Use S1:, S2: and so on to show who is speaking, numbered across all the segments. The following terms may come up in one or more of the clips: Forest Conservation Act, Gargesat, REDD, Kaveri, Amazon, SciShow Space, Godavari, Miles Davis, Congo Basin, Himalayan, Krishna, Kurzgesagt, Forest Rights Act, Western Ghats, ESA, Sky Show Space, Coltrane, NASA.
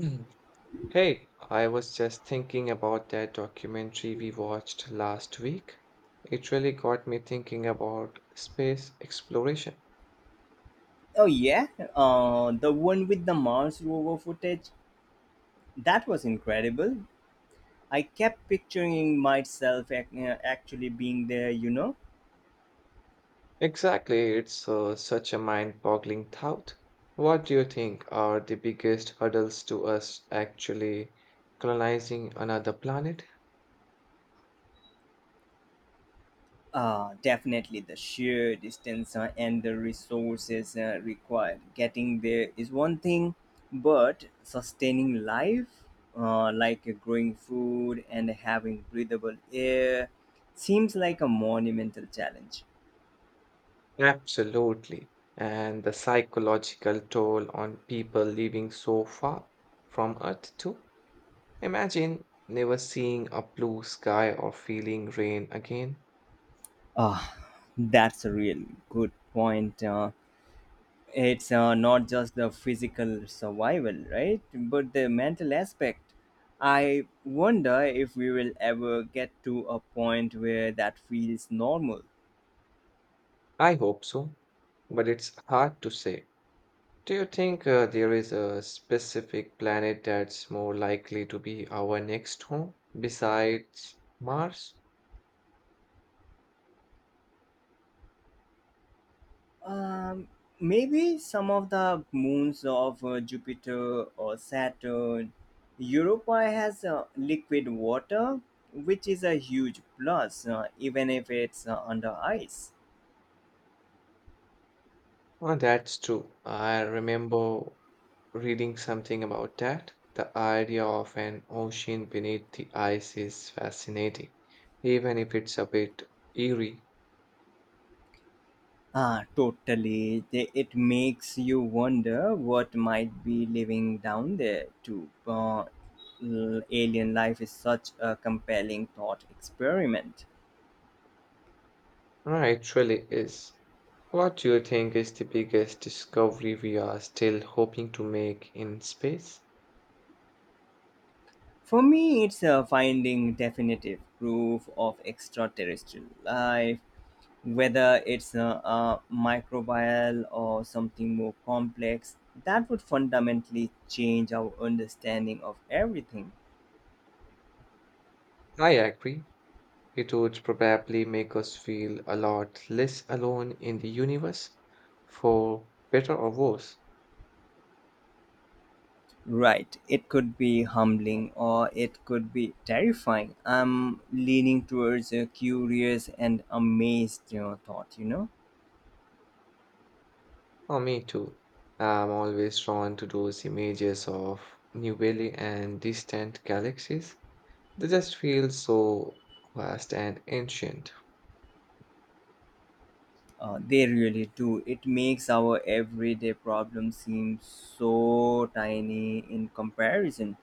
S1: Mm. Hey, I was just thinking about that documentary we watched last week. It really got me thinking about space exploration.
S2: Oh yeah, the one with the Mars rover footage. That was incredible. I kept picturing myself actually being there. You know,
S1: Exactly, it's such a mind-boggling thought. What do you think are the biggest hurdles to us actually colonizing another planet?
S2: uh, Definitely the sheer distance and the resources required getting there is one thing, but sustaining life, growing food and having breathable air, seems like a monumental challenge.
S1: Absolutely. And the psychological toll on people living so far from Earth, too. Imagine never seeing a blue sky or feeling rain again.
S2: Ah, that's a real good point. It's not just the physical survival, right? But the mental aspect. I wonder if we will ever get to a point where that feels normal.
S1: I hope so, but it's hard to say. Do you think there is a specific planet that's more likely to be our next home besides Mars?
S2: Um, Maybe some of the moons of Jupiter or Saturn. Europa has liquid water, which is a huge plus, even if it's under ice.
S1: Oh, that's true. I remember reading something about that. The idea of an ocean beneath the ice is fascinating, even if it's a bit eerie.
S2: Totally. It makes you wonder what might be living down there too. Alien life is such a compelling thought experiment.
S1: Ah, it really is. What do you think is the biggest discovery we are still hoping to make in space?
S2: For me, it's finding definitive proof of extraterrestrial life, whether it's a microbial or something more complex. That would fundamentally change our understanding of everything.
S1: I agree. It would probably make us feel a lot less alone in the universe, for better or worse.
S2: Right. It could be humbling or it could be terrifying. I'm leaning towards a curious and amazed thought.
S1: Oh, me too. I'm always drawn to those images of new Valley and distant galaxies. They just feel so vast and ancient.
S2: They really do. It makes our everyday problems seem so tiny in comparison.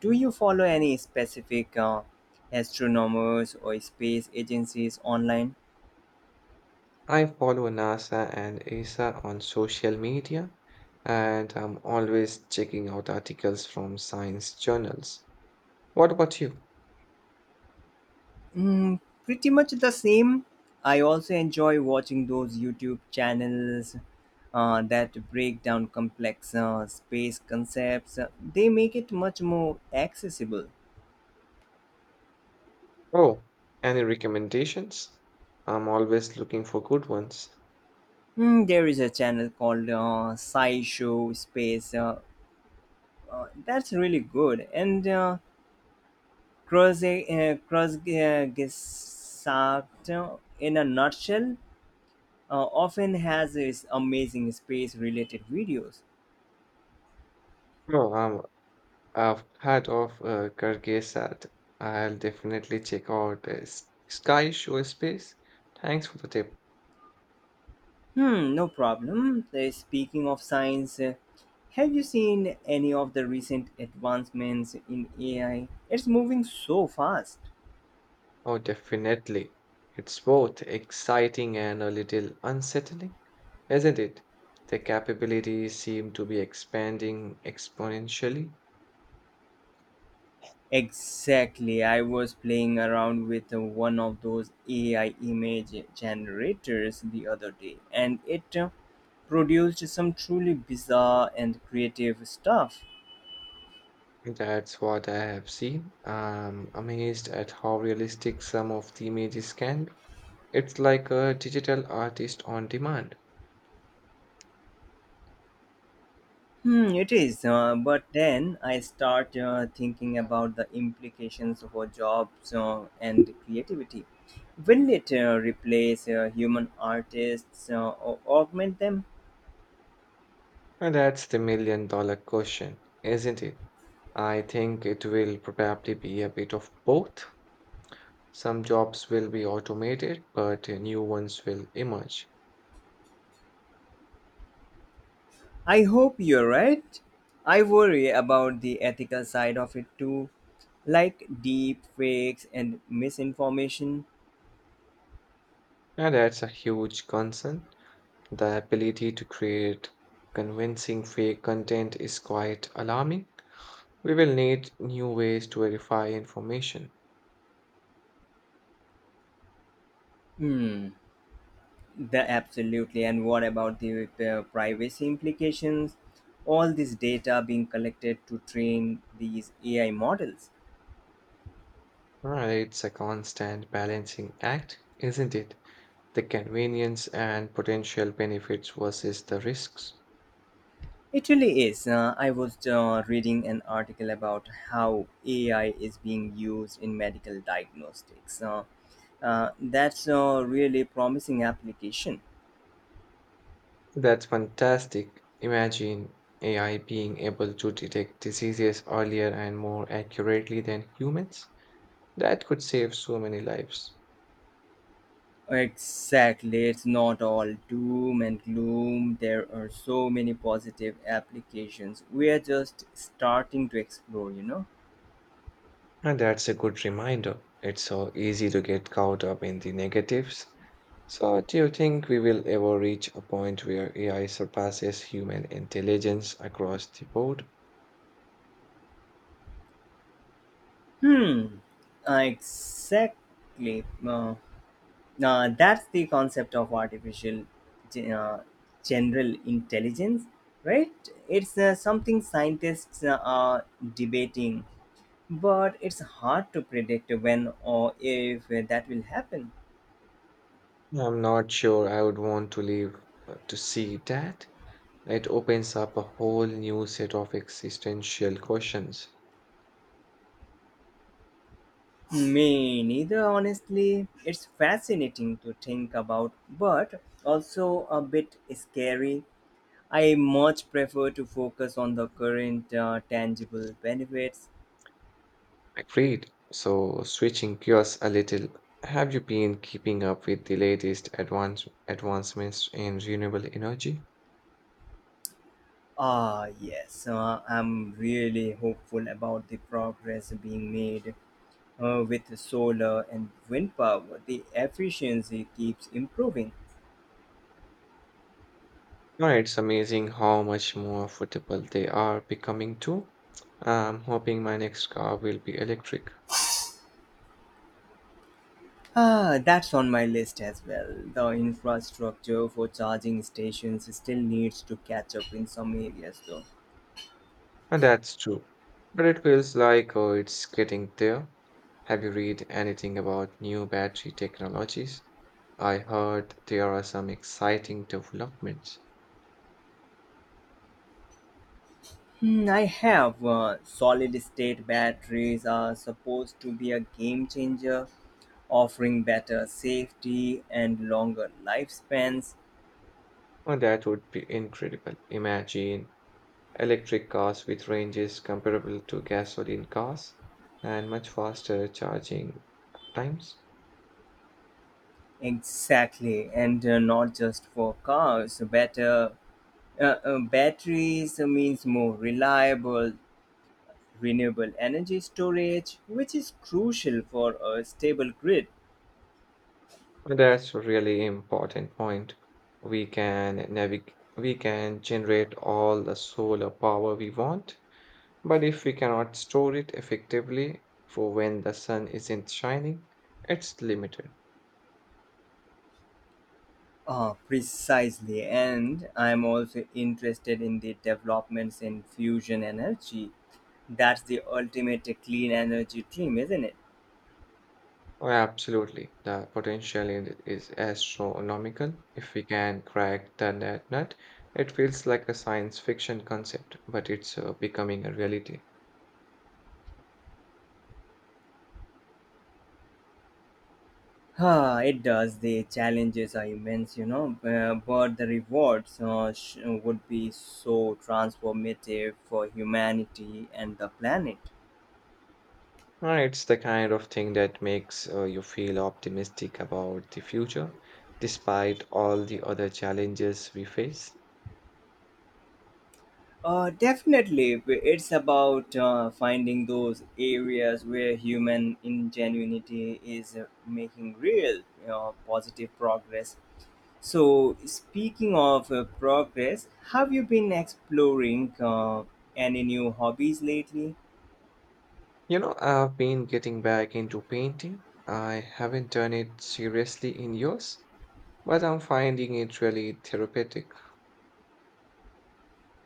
S2: Do you follow any specific astronomers or space agencies online?
S1: I follow NASA and ESA on social media, and I'm always checking out articles from science journals. What about you?
S2: Mm, pretty much the same. I also enjoy watching those YouTube channels that break down complex space concepts. They make it much more accessible.
S1: Oh, any recommendations? I'm always looking for good ones.
S2: Mm, there is a channel called SciShow Space. That's really good. And Cross Cross Gesagt, in a nutshell, often has its amazing space related videos.
S1: Oh, I've heard of Gargesat. I'll definitely check out Sky Show Space. Thanks for the tip.
S2: Hmm, no problem. Speaking of science, have you seen any of the recent advancements in AI? It's moving so fast.
S1: Oh, definitely. It's both exciting and a little unsettling. Isn't it? The capabilities seem to be expanding exponentially.
S2: Exactly. I was playing around with one of those AI image generators the other day, and it produced some truly bizarre and creative stuff.
S1: That's what I have seen. I'm amazed at how realistic some of the images can be. It's like a digital artist on demand.
S2: Hmm, it is, but then I start thinking about the implications for jobs and creativity. Will it replace human artists or augment them?
S1: And that's the million dollar question, isn't it? I think it will probably be a bit of both. Some jobs will be automated, but new ones will emerge.
S2: I hope you're right. I worry about the ethical side of it too, like deep fakes and misinformation.
S1: And that's a huge concern. The ability to create convincing fake content is quite alarming. We will need new ways to verify information.
S2: Hmm, the absolutely, and what about the privacy implications? All this data being collected to train these AI models.
S1: Right, it's a constant balancing act, isn't it? The convenience and potential benefits versus the risks.
S2: It really is. I was reading an article about how AI is being used in medical diagnostics. That's a really promising application.
S1: That's fantastic. Imagine AI being able to detect diseases earlier and more accurately than humans. That could save so many lives.
S2: Exactly, it's not all doom and gloom. There are so many positive applications. We are just starting to explore, you know.
S1: And that's a good reminder. It's so easy to get caught up in the negatives. So, do you think we will ever reach a point where AI surpasses human intelligence across the board?
S2: Hmm. Exactly. Uh, that's the concept of artificial ge- uh, general intelligence, right? It's something scientists are debating, but it's hard to predict when or if that will happen.
S1: I'm not sure I would want to live to see that. It opens up a whole new set of existential questions.
S2: Me neither, honestly. It's fascinating to think about, but also a bit scary. I much prefer to focus on the current tangible benefits.
S1: Agreed. So, switching gears a little, have you been keeping up with the latest advancements in renewable energy?
S2: Yes, I'm really hopeful about the progress being made with solar and wind power. The efficiency keeps improving.
S1: No, it's amazing how much more affordable they are becoming too. I'm hoping my next car will be electric,
S2: That's on my list as well. The infrastructure for charging stations still needs to catch up in some areas, though.
S1: and that's true. But it feels like oh, it's getting there. Have you read anything about new battery technologies? I heard there are some exciting developments.
S2: Hmm, I have solid state batteries are supposed to be a game changer offering better safety and longer lifespans.
S1: Oh, that would be incredible. Imagine electric cars with ranges comparable to gasoline cars and much faster charging times.
S2: Exactly, and not just for cars. Better batteries means more reliable, renewable energy storage, which is crucial for a stable grid.
S1: That's a really important point. We can generate all the solar power we want, but if we cannot store it effectively for when the sun isn't shining, it's limited.
S2: Precisely. And I'm also interested in the developments in fusion energy. That's the ultimate clean energy dream, isn't it?
S1: Oh, absolutely. The potential in it is astronomical. If we can crack the net nut, it feels like a science fiction concept, but it's becoming a reality.
S2: It does. The challenges are immense, you know, but the rewards would be so transformative for humanity and the planet.
S1: It's the kind of thing that makes you feel optimistic about the future, despite all the other challenges we face.
S2: Definitely, it's about finding those areas where human ingenuity is making real positive progress. So, speaking of progress, have you been exploring any new hobbies lately?
S1: You know, I've been getting back into painting. I haven't done it seriously in years, but I'm finding it really therapeutic.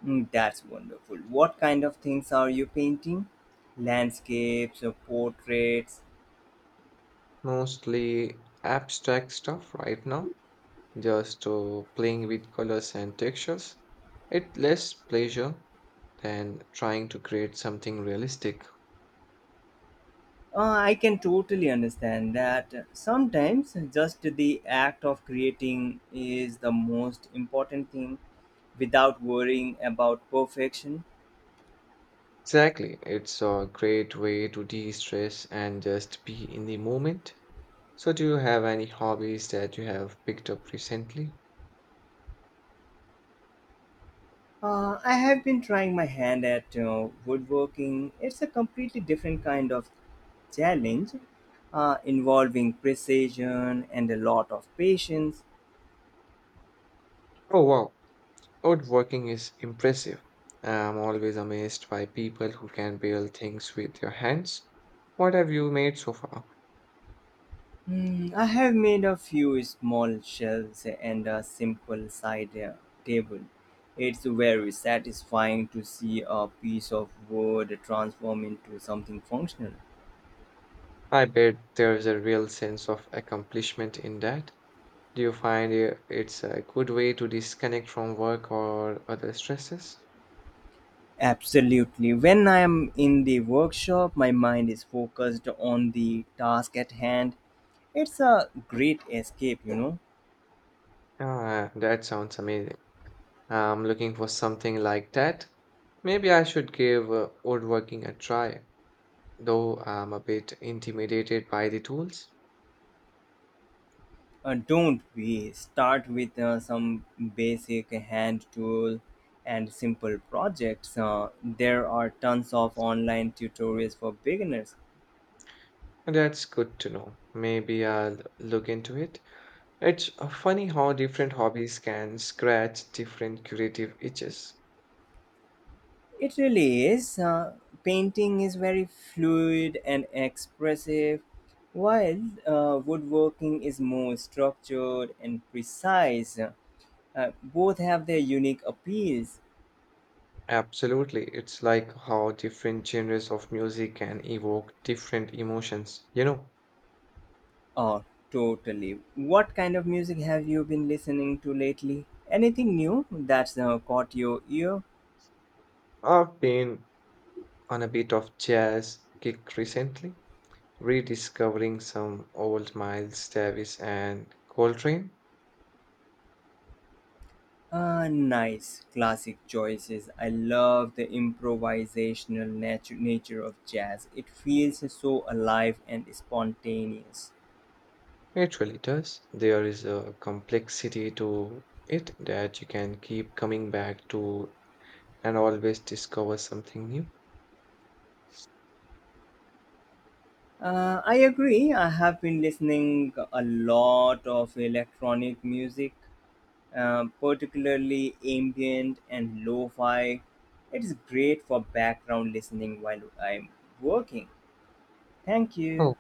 S2: Mm, that's wonderful. What kind of things are you painting? Landscapes or portraits?
S1: Mostly abstract stuff right now, just playing with colors and textures. It less pleasure than trying to create something realistic.
S2: Uh, I can totally understand that. Sometimes just the act of creating is the most important thing without worrying about perfection.
S1: Exactly. It's a great way to de-stress and just be in the moment. So do you have any hobbies that you have picked up recently?
S2: I have been trying my hand at woodworking. It's a completely different kind of challenge involving precision and a lot of patience.
S1: Oh wow, woodworking is impressive. I'm always amazed by people who can build things with their hands. What have you made so far?
S2: Mm, I have made a few small shelves and a simple side table. It's very satisfying to see a piece of wood transform into something functional.
S1: I bet there's a real sense of accomplishment in that. Do you find it's a good way to disconnect from work or other stresses?
S2: Absolutely. When I am in the workshop, my mind is focused on the task at hand. It's a great escape, you know.
S1: Ah, that sounds amazing. I'm looking for something like that. Maybe I should give woodworking a try, though I'm a bit intimidated by the tools.
S2: Don't we start with some basic hand tool and simple projects? There are tons of online tutorials for beginners.
S1: That's good to know. Maybe I'll look into it. It's funny how different hobbies can scratch different creative itches.
S2: It really is. Painting is very fluid and expressive, while woodworking is more structured and precise. Both have their unique appeals.
S1: Absolutely. It's like how different genres of music can evoke different emotions. You know,
S2: Oh, totally. What kind of music have you been listening to lately? Anything new that's caught your ear?
S1: I've been on a bit of jazz kick recently rediscovering some old Miles Davis and Coltrane.
S2: Nice. Classic choices. I love the improvisational nature of jazz. It feels so alive and spontaneous.
S1: It really does. There is a complexity to it that you can keep coming back to and always discover something new.
S2: I agree. I have been listening a lot of electronic music, particularly ambient and lo-fi. It's great for background listening while I'm working. Thank you.